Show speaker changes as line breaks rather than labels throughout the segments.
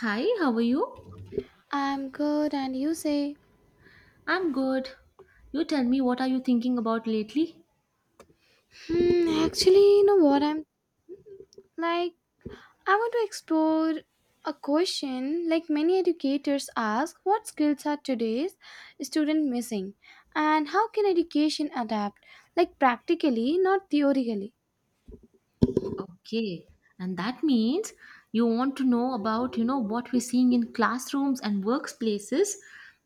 Hi, how are you?
I'm good, and you say,
I'm good. You tell me, what are you thinking about lately?
actually, you know what? I'm like, I want to explore a question like many educators ask, what skills are today's student missing, and how can education adapt, like practically, not theoretically.
Okay. And that means you want to know about, you know, what we're seeing in classrooms and workplaces,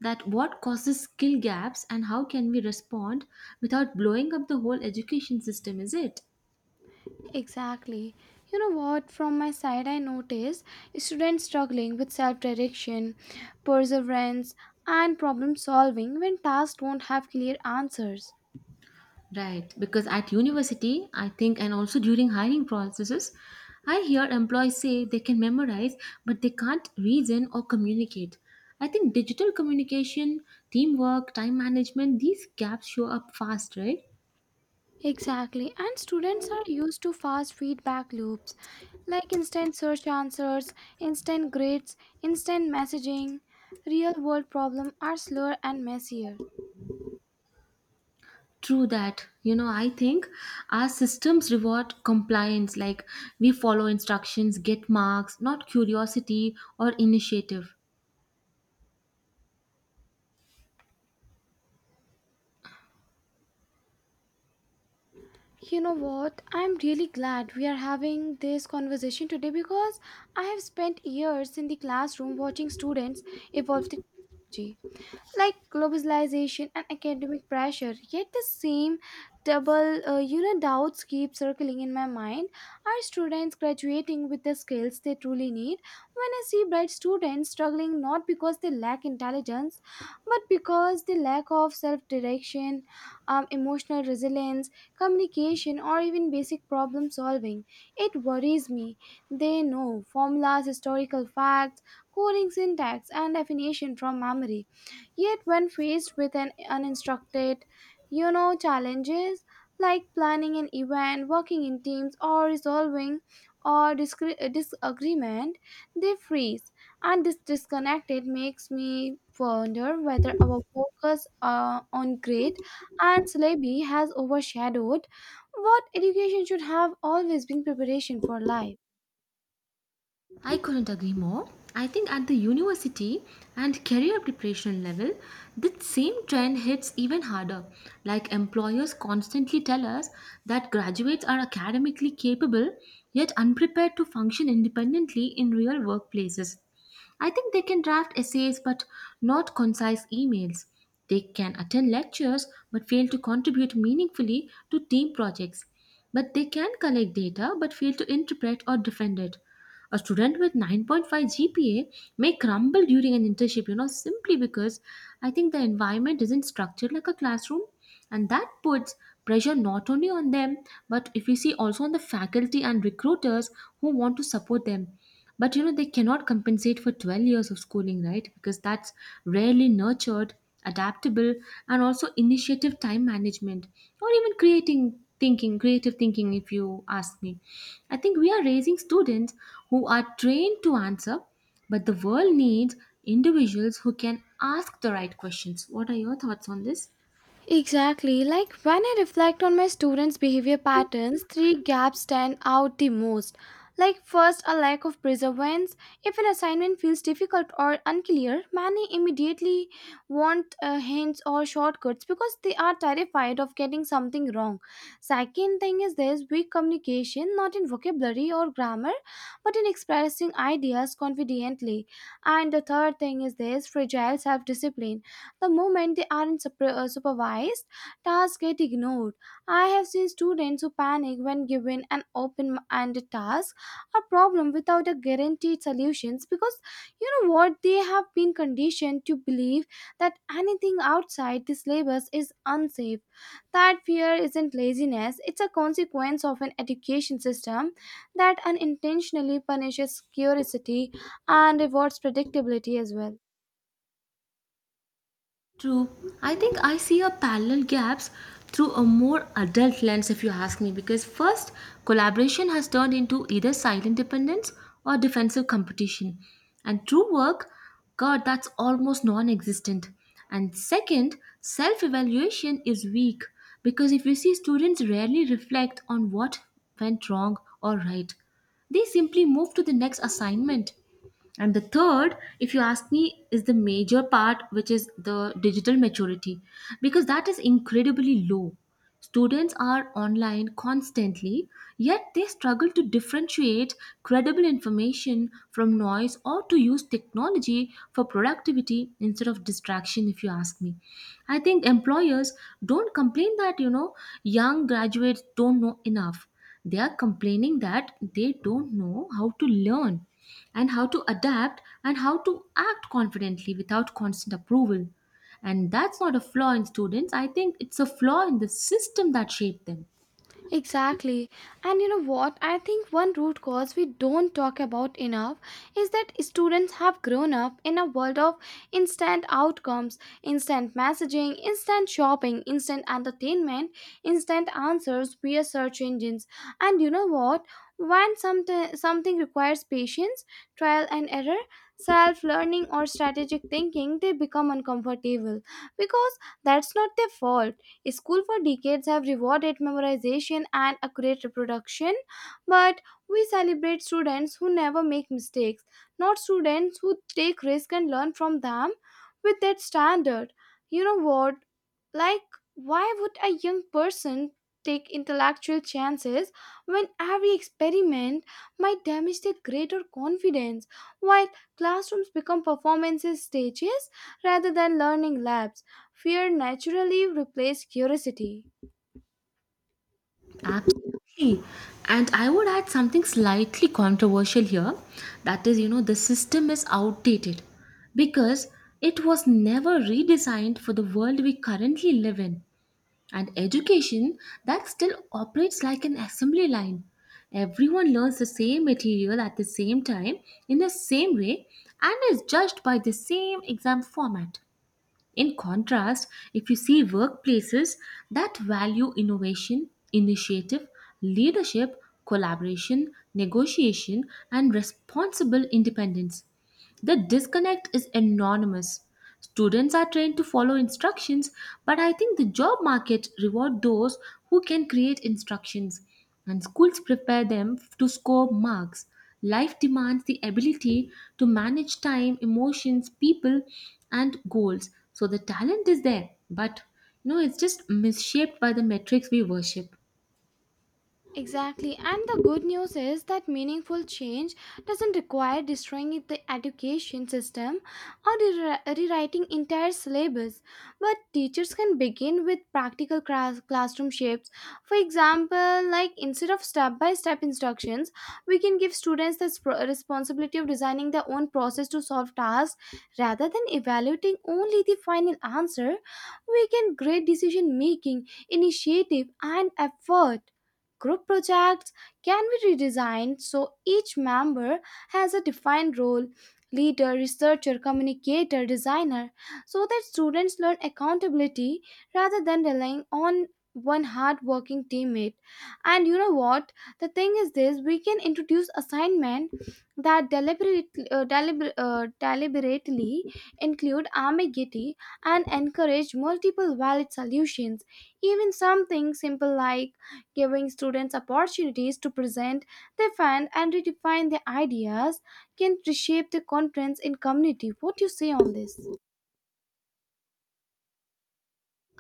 that what causes skill gaps and how can we respond without blowing up the whole education system, is it?
Exactly. You know what? From my side, I notice students struggling with self direction, perseverance, and problem solving when tasks don't have clear answers.
Right, because at university, I think, and also during hiring processes, I hear employees say they can memorize, but they can't reason or communicate. I think digital communication, teamwork, time management, these gaps show up fast, right?
Exactly. And students are used to fast feedback loops like instant search answers, instant grades, instant messaging. Real world problems are slower and messier.
True that. You know, I think our systems reward compliance, like we follow instructions, get marks, not curiosity or initiative.
You know what? I'm really glad we are having this conversation today, because I have spent years in the classroom watching students evolve the technology, like globalization and academic pressure, yet the same double doubts keep circling in my mind. Are students graduating with the skills they truly need? When I see bright students struggling, not because they lack intelligence but because they lack of self-direction, emotional resilience, communication, or even basic problem solving, it worries me. They know formulas, historical facts, coding syntax, and definition from memory. Yet, when faced with an uninstructed, challenges like planning an event, working in teams, or resolving or disagreement, they freeze. And this disconnected makes me wonder whether our focus on grade and syllabi has overshadowed what education should have always been: preparation for life.
I couldn't agree more. I think at the university and career preparation level, that same trend hits even harder. Like employers constantly tell us that graduates are academically capable yet unprepared to function independently in real workplaces. I think they can draft essays but not concise emails. They can attend lectures but fail to contribute meaningfully to team projects. But they can collect data but fail to interpret or defend it. A student with 9.5 GPA may crumble during an internship, you know, simply because I think the environment isn't structured like a classroom. And that puts pressure not only on them, but if you see also on the faculty and recruiters who want to support them. But you know, they cannot compensate for 12 years of schooling, right? Because that's rarely nurtured, adaptable, and also initiative time management or even creating thinking, creative thinking, if you ask me. I think we are raising students who are trained to answer, but the world needs individuals who can ask the right questions. What are your thoughts on this?
Exactly. Like, when I reflect on my students' behavior patterns, three gaps stand out the most. Like, first, a lack of perseverance. If an assignment feels difficult or unclear, many immediately want hints or shortcuts, because they are terrified of getting something wrong. Second thing is, there's weak communication, not in vocabulary or grammar, but in expressing ideas confidently. And the third thing is, there's fragile self-discipline. The moment they aren't supervised, tasks get ignored. I have seen students who panic when given an open-ended task or problem without a guaranteed solutions, because, you know what, they have been conditioned to believe that anything outside the syllabus is unsafe. That fear isn't laziness, it's a consequence of an education system that unintentionally punishes curiosity and rewards predictability as well.
True. I think I see a parallel gaps through a more adult lens if you ask me, because first, collaboration has turned into either silent dependence or defensive competition, and true work, god, that's almost non-existent. And second, self-evaluation is weak because if you see, students rarely reflect on what went wrong or right, they simply move to the next assignment. And the third, if you ask me, is the major part, which is the digital maturity, because that is incredibly low. Students are online constantly, yet they struggle to differentiate credible information from noise or to use technology for productivity instead of distraction, if you ask me. I think employers don't complain that, you know, young graduates don't know enough. They are complaining that they don't know how to learn and how to adapt and how to act confidently without constant approval. And that's not a flaw in students. I think it's a flaw in the system that shaped them.
Exactly. And you know what? I think one root cause we don't talk about enough is that students have grown up in a world of instant outcomes, instant messaging, instant shopping, instant entertainment, instant answers via search engines. And you know what? When something requires patience, trial and error, self-learning, or strategic thinking, they become uncomfortable, because that's not their fault. School for decades have rewarded memorization and accurate reproduction, but we celebrate students who never make mistakes, not students who take risks and learn from them with that standard. You know what? Like, why would a young person take intellectual chances when every experiment might damage their grade or confidence, while classrooms become performances stages rather than learning labs? Fear naturally replaced curiosity.
Absolutely. And I would add something slightly controversial here. That is, you know, the system is outdated because it was never redesigned for the world we currently live in. And education that still operates like an assembly line. Everyone learns the same material at the same time, in the same way, and is judged by the same exam format. In contrast, if you see workplaces that value innovation, initiative, leadership, collaboration, negotiation, and responsible independence, the disconnect is enormous. Students are trained to follow instructions, but I think the job market reward those who can create instructions, and schools prepare them to score marks. Life demands the ability to manage time, emotions, people, and goals. So the talent is there, but you know, it's just misshaped by the metrics we worship.
Exactly, and the good news is that meaningful change doesn't require destroying the education system or rewriting entire syllabus, but teachers can begin with practical classroom shapes. For example, like, instead of step by step instructions, we can give students the responsibility of designing their own process to solve tasks, rather than evaluating only the final answer. We can grade decision making, initiative, and effort. Group projects can be redesigned so each member has a defined role: leader, researcher, communicator, designer, so that students learn accountability rather than relying on one hardworking teammate. And you know what? The thing is this, we can introduce assignment that deliberately include ambiguity and encourage multiple valid solutions. Even something simple like giving students opportunities to present their find and redefine their ideas can reshape their confidence in community. What do you say on this?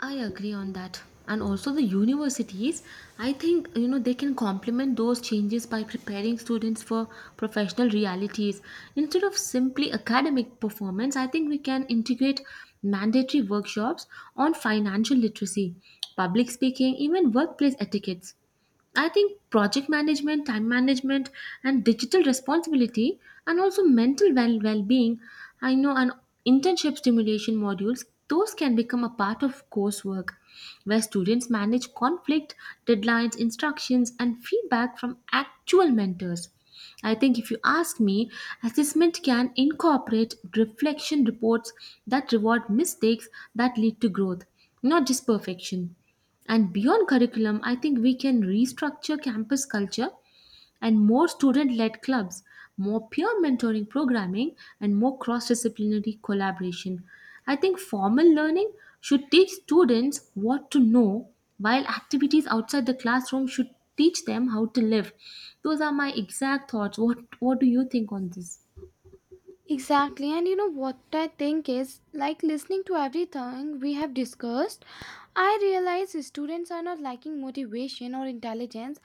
I agree on that. And also the universities, I think, you know, they can complement those changes by preparing students for professional realities. Instead of simply academic performance, I think we can integrate mandatory workshops on financial literacy, public speaking, even workplace etiquettes. I think project management, time management, and digital responsibility, and also mental well being. I know an internship stimulation modules, those can become a part of coursework where students manage conflict, deadlines, instructions, and feedback from actual mentors. I think if you ask me, assessment can incorporate reflection reports that reward mistakes that lead to growth, not just perfection. And beyond curriculum, I think we can restructure campus culture and more student led clubs, more peer mentoring programming, and more cross disciplinary collaboration. I think formal learning should teach students what to know, while activities outside the classroom should teach them how to live. Those are my exact thoughts. What do you think on this?
Exactly, and you know what? I think, is like, listening to everything we have discussed, I realize students are not lacking motivation or intelligence,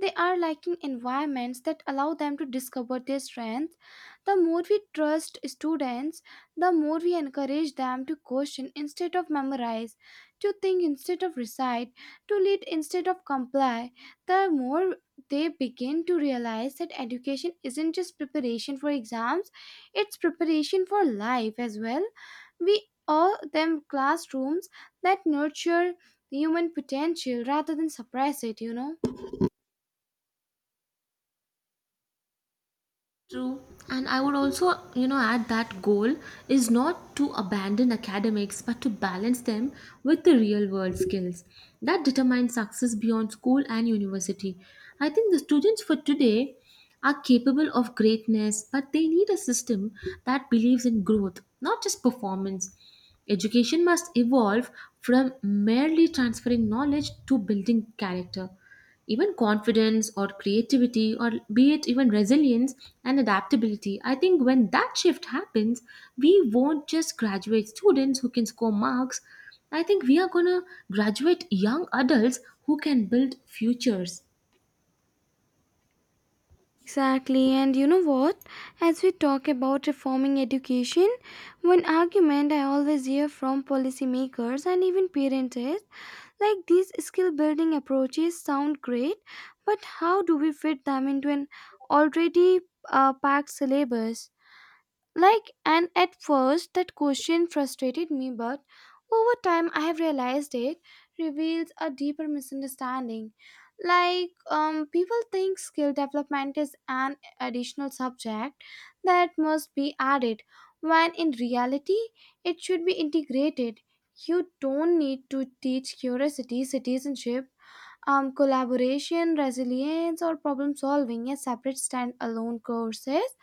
they are lacking environments that allow them to discover their strengths. The more we trust students, the more we encourage them to question instead of memorize, to think instead of recite, to lead instead of comply, the more they begin to realize that education isn't just preparation for exams, it's preparation for life as well. We all them classrooms that nurture the human potential rather than suppress it, you know?
True. And I would also, you know, add that goal is not to abandon academics but to balance them with the real world skills that determine success beyond school and university. I think the students for today are capable of greatness, but they need a system that believes in growth, not just performance. Education must evolve from merely transferring knowledge to building character, even confidence or creativity or be it even resilience and adaptability. I think when that shift happens, we won't just graduate students who can score marks, I think we are going to graduate young adults who can build futures.
Exactly, and you know what? As we talk about reforming education, one argument I always hear from policymakers and even parents is like, these skill building approaches sound great, but how do we fit them into an already packed syllabus? Like, and at first that question frustrated me, but over time I have realized it reveals a deeper misunderstanding. Like, people think skill development is an additional subject that must be added, when in reality, it should be integrated. You don't need to teach curiosity, citizenship, collaboration, resilience, or problem solving as separate standalone courses,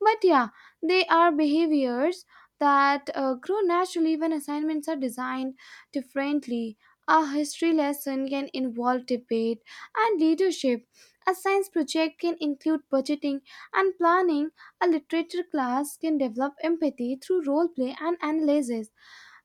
but yeah, they are behaviors that grow naturally when assignments are designed differently. A history lesson can involve debate and leadership. A science project can include budgeting and planning. A literature class can develop empathy through role play and analysis.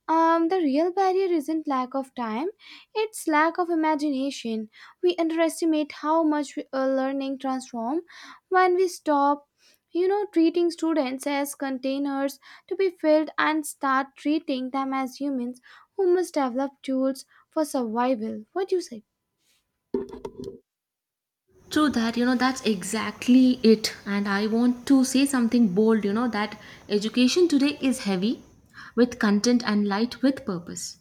The real barrier isn't lack of time, it's lack of imagination. We underestimate how much we, learning transform when we stop, treating students as containers to be filled and start treating them as humans who must develop tools for survival. What do you say?
True that, you know, that's exactly it. And I want to say something bold, you know, that education today is heavy with content and light with purpose.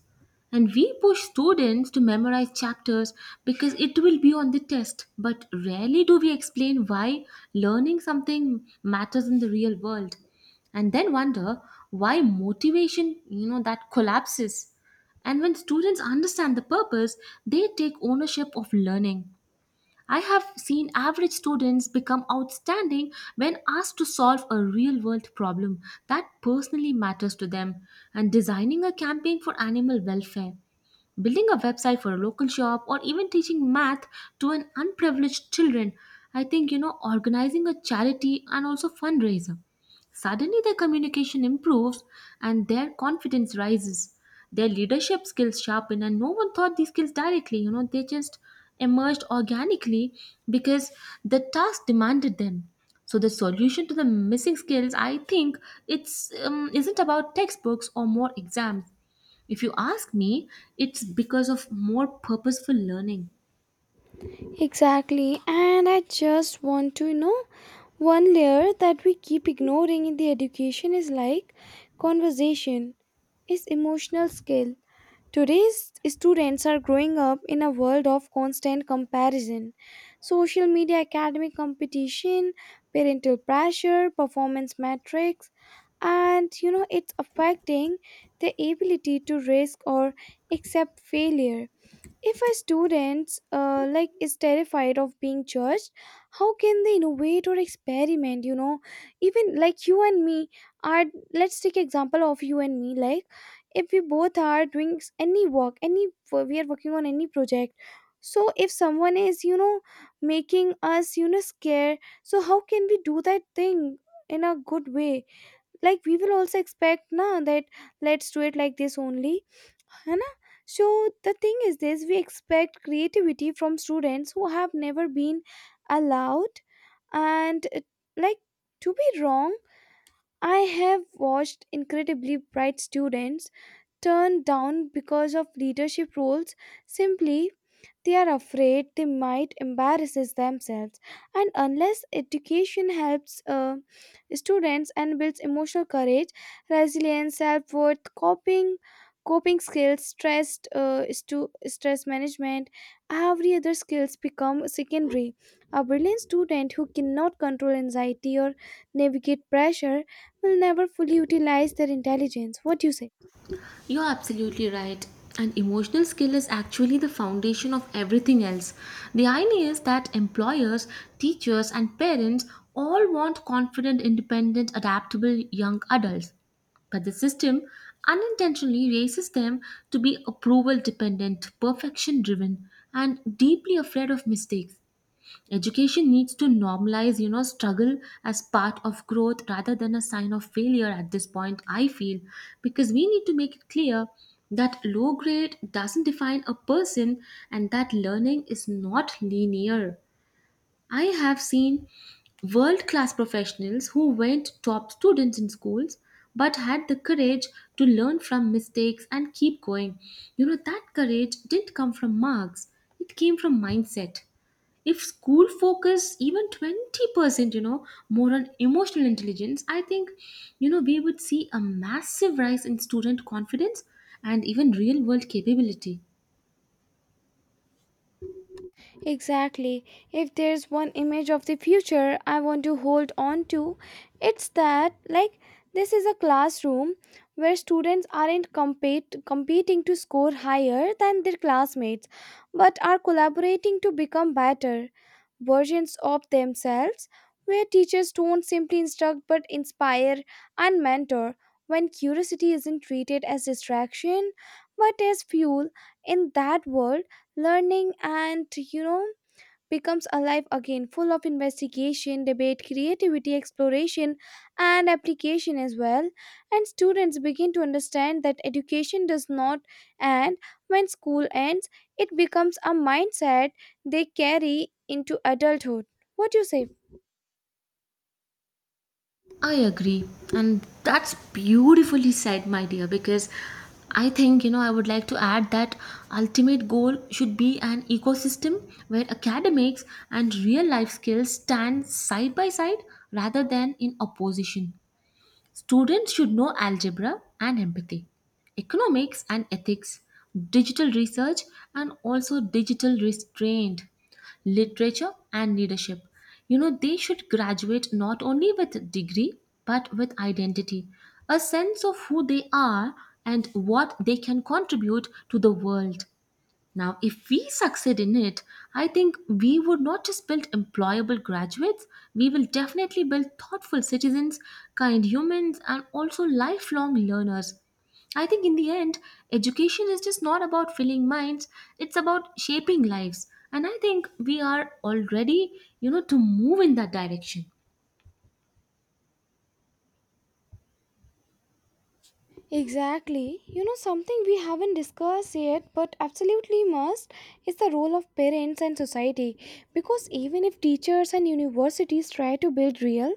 And we push students to memorize chapters because it will be on the test, but rarely do we explain why learning something matters in the real world. And then wonder why motivation, you know, that collapses. And when students understand the purpose, they take ownership of learning. I have seen average students become outstanding when asked to solve a real world problem that personally matters to them, and designing a campaign for animal welfare, building a website for a local shop, or even teaching math to an unprivileged children. I think, you know, organizing a charity and also fundraiser. Suddenly their communication improves and their confidence rises. Their leadership skills sharpen, and no one taught these skills directly, you know, they just emerged organically because the task demanded them. So the solution to the missing skills, I think, it's isn't about textbooks or more exams. If you ask me, it's because of more purposeful learning.
Exactly, and I just want to one layer that we keep ignoring in the education is like, conversation is emotional skill. Today's students are growing up in a world of constant comparison: social media, academic competition, parental pressure, performance metrics, and it's affecting the ability to risk or accept failure. If a student like is terrified of being judged, how can they innovate or experiment? Even like you and me are. Let's take example of you and me. Like, if we both are doing any work, any we are working on any project. So if someone is making us scared, so how can we do that thing in a good way? Like, we will also expect na that, let's do it like this only, है ना. So the thing is this, we expect creativity from students who have never been allowed and like, to be wrong. I have watched incredibly bright students turned down because of leadership roles, simply they are afraid they might embarrass themselves, and unless education helps students and builds emotional courage, resilience, self worth, coping skills, stress management, every other skills become secondary. A brilliant student who cannot control anxiety or navigate pressure will never fully utilize their intelligence. What do you say?
You're absolutely right. An emotional skill is actually the foundation of everything else. The idea is that employers, teachers, and parents all want confident, independent, adaptable young adults. But the system unintentionally raises them to be approval dependent, perfection driven, and deeply afraid of mistakes. Education needs to normalize, you know, struggle as part of growth rather than a sign of failure at this point, I feel, because we need to make it clear that low grade doesn't define a person and that learning is not linear. I have seen world class professionals who weren't top students in schools but had the courage to learn from mistakes and keep going. You know, that courage didn't come from marks, it came from mindset. If school focus even 20% you know more on emotional intelligence, I think, you know, we would see a massive rise in student confidence and even real world capability.
Exactly. If there's one image of the future I want to hold on to, it's that, like, this is a classroom where students aren't competing to score higher than their classmates, but are collaborating to become better versions of themselves, where teachers don't simply instruct but inspire and mentor, when curiosity isn't treated as distraction but as fuel. In that world, learning and you know becomes alive again, full of investigation, debate, creativity, exploration, and application as well. And students begin to understand that education does not end when school ends, it becomes a mindset they carry into adulthood. What do you say?
I agree, and that's beautifully said, my dear, because I think, you know, I would like to add that ultimate goal should be an ecosystem where academics and real life skills stand side by side rather than in opposition. Students should know algebra and empathy, economics and ethics, digital research and also digital restraint, literature and leadership. You know, they should graduate not only with degree but with identity, a sense of who they are and what they can contribute to the world. Now, if we succeed in it, I think we would not just build employable graduates, we will definitely build thoughtful citizens, kind humans, and also lifelong learners. I think in the end, education is just not about filling minds, it's about shaping lives. And I think we are already, you know, to move in that direction.
Exactly. Something we haven't discussed yet, but absolutely must, is the role of parents and society. Because even if teachers and universities try to build real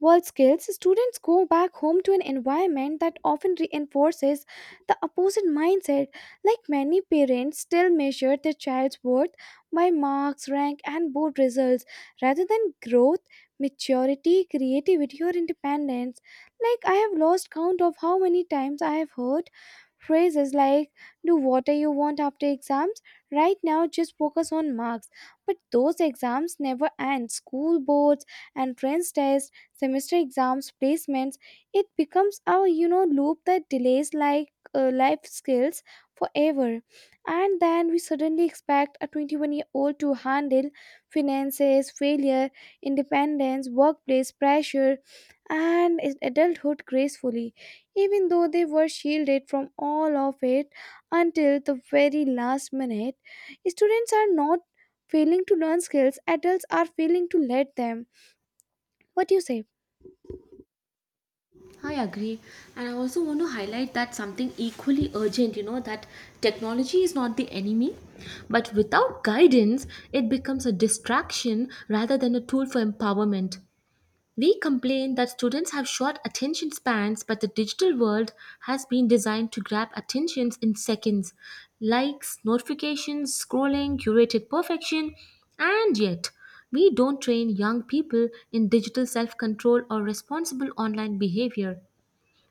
world skills, students go back home to an environment that often reinforces the opposite mindset. Like, many parents still measure their child's worth by marks, rank, and board results rather than growth, maturity, creativity, or independence. Like, I have lost count of how many times I have heard phrases like, "Do whatever you want after exams. Right now, just focus on marks." But those exams never end. School boards, entrance tests, semester exams, placements. It becomes our, loop that delays like life skills forever. And then we suddenly expect a 21-year-old to handle finances, failure, independence, workplace pressure, and adulthood gracefully, even though they were shielded from all of it until the very last minute. Students are not failing to learn skills, adults are failing to let them. What do you say?
I agree. And I also want to highlight that something equally urgent, you know, that technology is not the enemy, but without guidance, it becomes a distraction rather than a tool for empowerment. We complain that students have short attention spans, but the digital world has been designed to grab attentions in seconds, likes, notifications, scrolling, curated perfection, and yet we don't train young people in digital self control or responsible online behavior.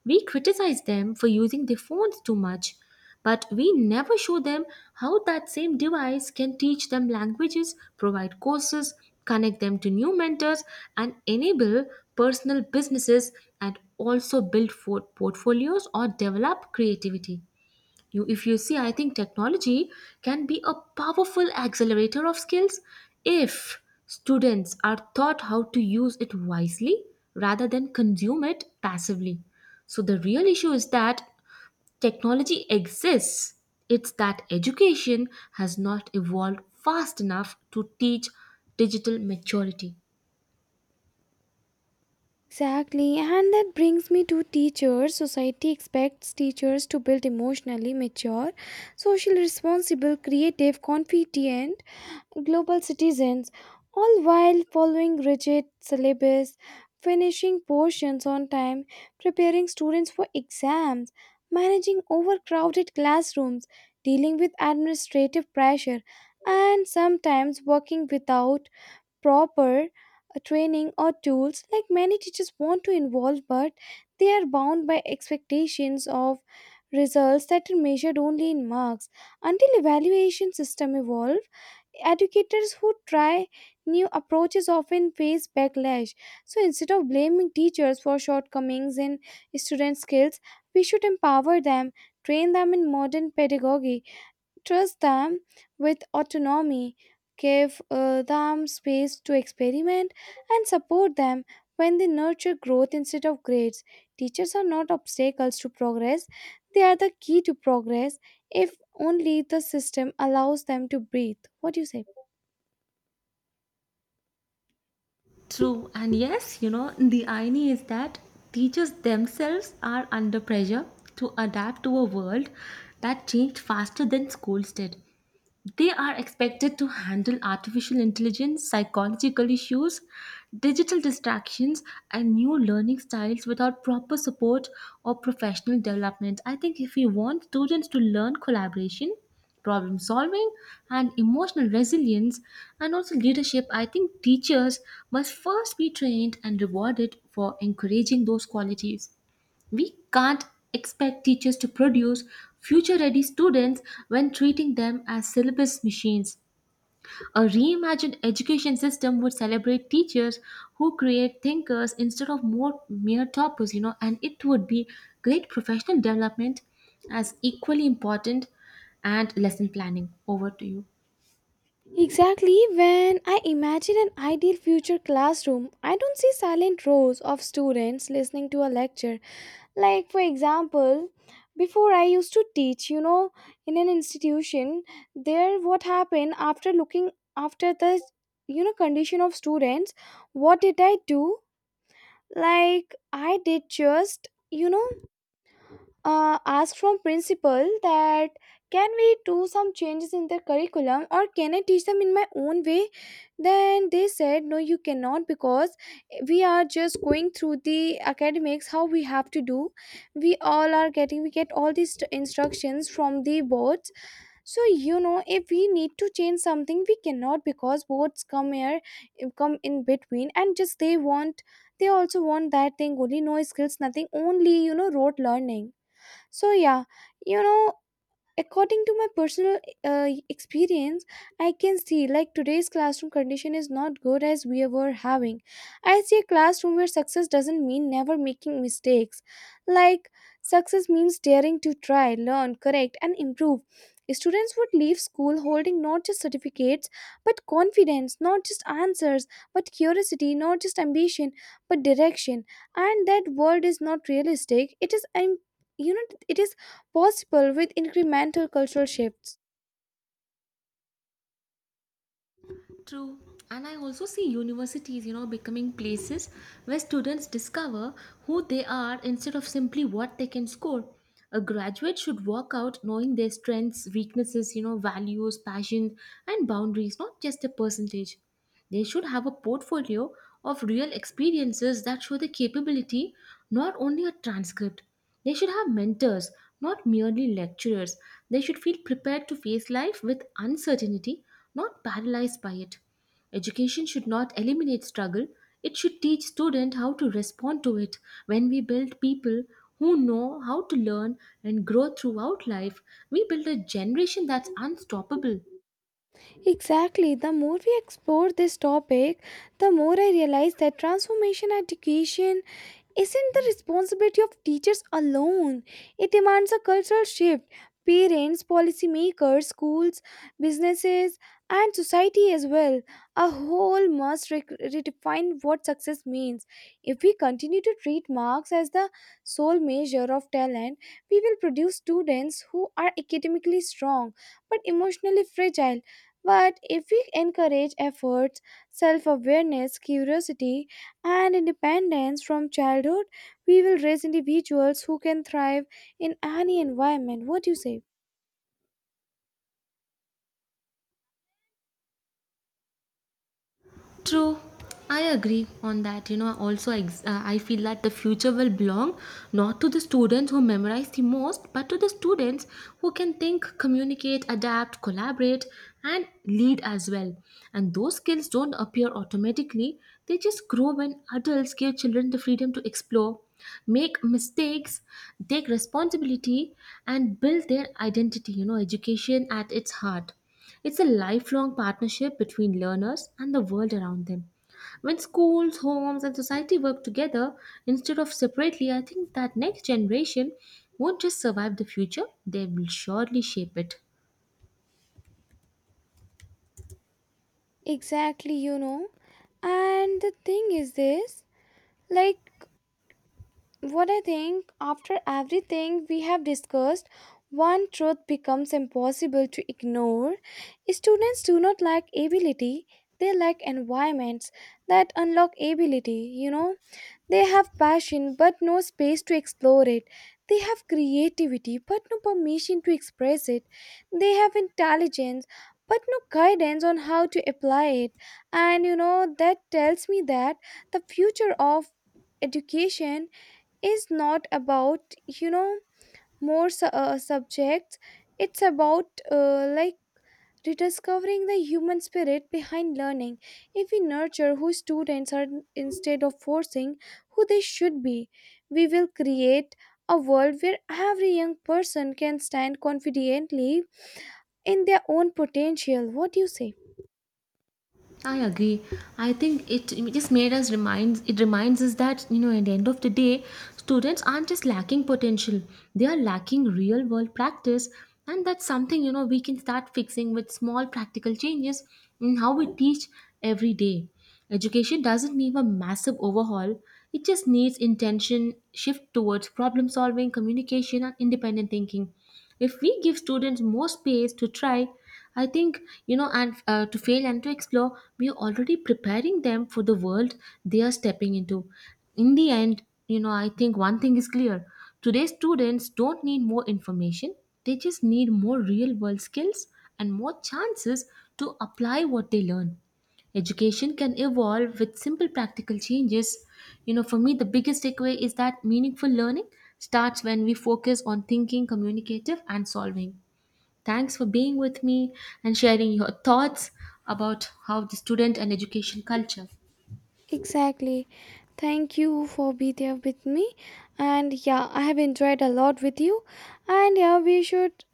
We criticize them for using their phones too much, but we never show them how that same device can teach them languages, provide courses, connect them to new mentors, and enable personal businesses and also build for portfolios or develop creativity. You, if you see, I think technology can be a powerful accelerator of skills if students are taught how to use it wisely rather than consume it passively. So, the real issue is that technology exists, it's that education has not evolved fast enough to teach digital maturity.
Exactly, and that brings me to teachers. Society expects teachers to build emotionally mature, socially responsible, creative, confident, global citizens, all while following rigid syllabus, finishing portions on time, preparing students for exams, managing overcrowded classrooms, dealing with administrative pressure, and sometimes working without proper training or tools. Like many teachers want to involve but they are bound by expectations of results that are measured only in marks. Until evaluation system evolve, educators who try new approaches often face backlash. So instead of blaming teachers for shortcomings in student skills, we should empower them, train them in modern pedagogy, trust them with autonomy, give them space to experiment, and support them when they nurture growth instead of grades. Teachers are not obstacles to progress, they are the key to progress if only the system allows them to breathe. What do you say?
True, and yes, you know, the irony is that teachers themselves are under pressure to adapt to a world that changed faster than schools did. They are expected to handle artificial intelligence, psychological issues, digital distractions, and new learning styles without proper support or professional development. I think if we want students to learn collaboration, problem solving, and emotional resilience, and also leadership, I think teachers must first be trained and rewarded for encouraging those qualities. We can't expect teachers to produce future ready students when treating them as syllabus machines. A reimagined education system would celebrate teachers who create thinkers instead of more mere toppers, you know, and it would be great professional development as equally important and lesson planning. Over to you.
Exactly. When I imagine an ideal future classroom, I don't see silent rows of students listening to a lecture. Like, for example, before I used to teach, you know, in an institution, there what happened after looking after the, you know, condition of students, what did I do? Like, I did just, you know, ask from principal that can we do some changes in their curriculum, or can I teach them in my own way? Then they said no, you cannot, because we are just going through the academics how we have to do. We all are getting, we get all these instructions from the boards. So, you know, if we need to change something, we cannot, because boards come here, come in between, and just they want, they also want that thing only, no skills, nothing, only, you know, rote learning. So, yeah, you know, according to my personal experience, I can see like today's classroom condition is not good as we were having. I see a classroom where success doesn't mean never making mistakes. Like, success means daring to try, learn, correct, and improve. Students would leave school holding not just certificates but confidence, not just answers but curiosity, not just ambition but direction. And that world is not realistic. It is you know it is possible with incremental cultural shifts.
True. And I also see universities, you know, becoming places where students discover who they are instead of simply what they can score. A graduate should walk out knowing their strengths, weaknesses, you know, values, passion, and boundaries, not just a percentage. They should have a portfolio of real experiences that show the capability, not only a transcript. They should have mentors, not merely lecturers. They should feel prepared to face life with uncertainty, not paralyzed by it. Education should not eliminate struggle, it should teach students how to respond to it. When we build people who know how to learn and grow throughout life, we build a generation that's unstoppable.
Exactly. The more we explore this topic, the more I realize that transformation education isn't the responsibility of teachers alone. It demands a cultural shift. Parents, policymakers, schools, businesses, and society as well. A whole must redefine what success means. If we continue to treat marks as the sole measure of talent, we will produce students who are academically strong but emotionally fragile. But if we encourage efforts, self awareness, curiosity, and independence from childhood, we will raise individuals who can thrive in any environment. What do you say?
True, I agree on that. You know, also I feel that the future will belong not to the students who memorize the most, but to the students who can think, communicate, adapt, collaborate, and lead as well. And those skills don't appear automatically, they just grow when adults give children the freedom to explore, make mistakes, take responsibility, and build their identity. You know, education at its heart. It's a lifelong partnership between learners and the world around them. When schools, homes, and society work together instead of separately, I think that next generation won't just survive the future, they will surely shape it.
Exactly, you know. And the thing is this, like, what I think after everything we have discussed, one truth becomes impossible to ignore. Students do not lack ability, they lack environments that unlock ability, you know. They have passion but no space to explore it. They have creativity but no permission to express it. They have intelligence but no guidance on how to apply it. And you know, that tells me that the future of education is not about, you know, more subjects. It's about like rediscovering the human spirit behind learning. If we nurture who students are instead of forcing who they should be, we will create a world where every young person can stand confidently in their own potential. What do you say?
I agree. I think it just made us reminds it reminds us that, you know, at the end of the day, students aren't just lacking potential; they are lacking real world practice, and that's something, you know, we can start fixing with small practical changes in how we teach every day. Education doesn't need a massive overhaul; it just needs intention, shift towards problem solving, communication, and independent thinking. If we give students more space to try, I think, you know, and to fail and to explore, we are already preparing them for the world they are stepping into. In the end, you know, I think one thing is clear, today's students don't need more information, they just need more real world skills and more chances to apply what they learn. Education can evolve with simple practical changes. You know, for me, the biggest takeaway is that meaningful learning starts when we focus on thinking, communicative, and solving. Thanks for being with me and sharing your thoughts about how the student and education culture.
Exactly. Thank you for being there with me, and yeah, I have enjoyed a lot with you. And yeah, we should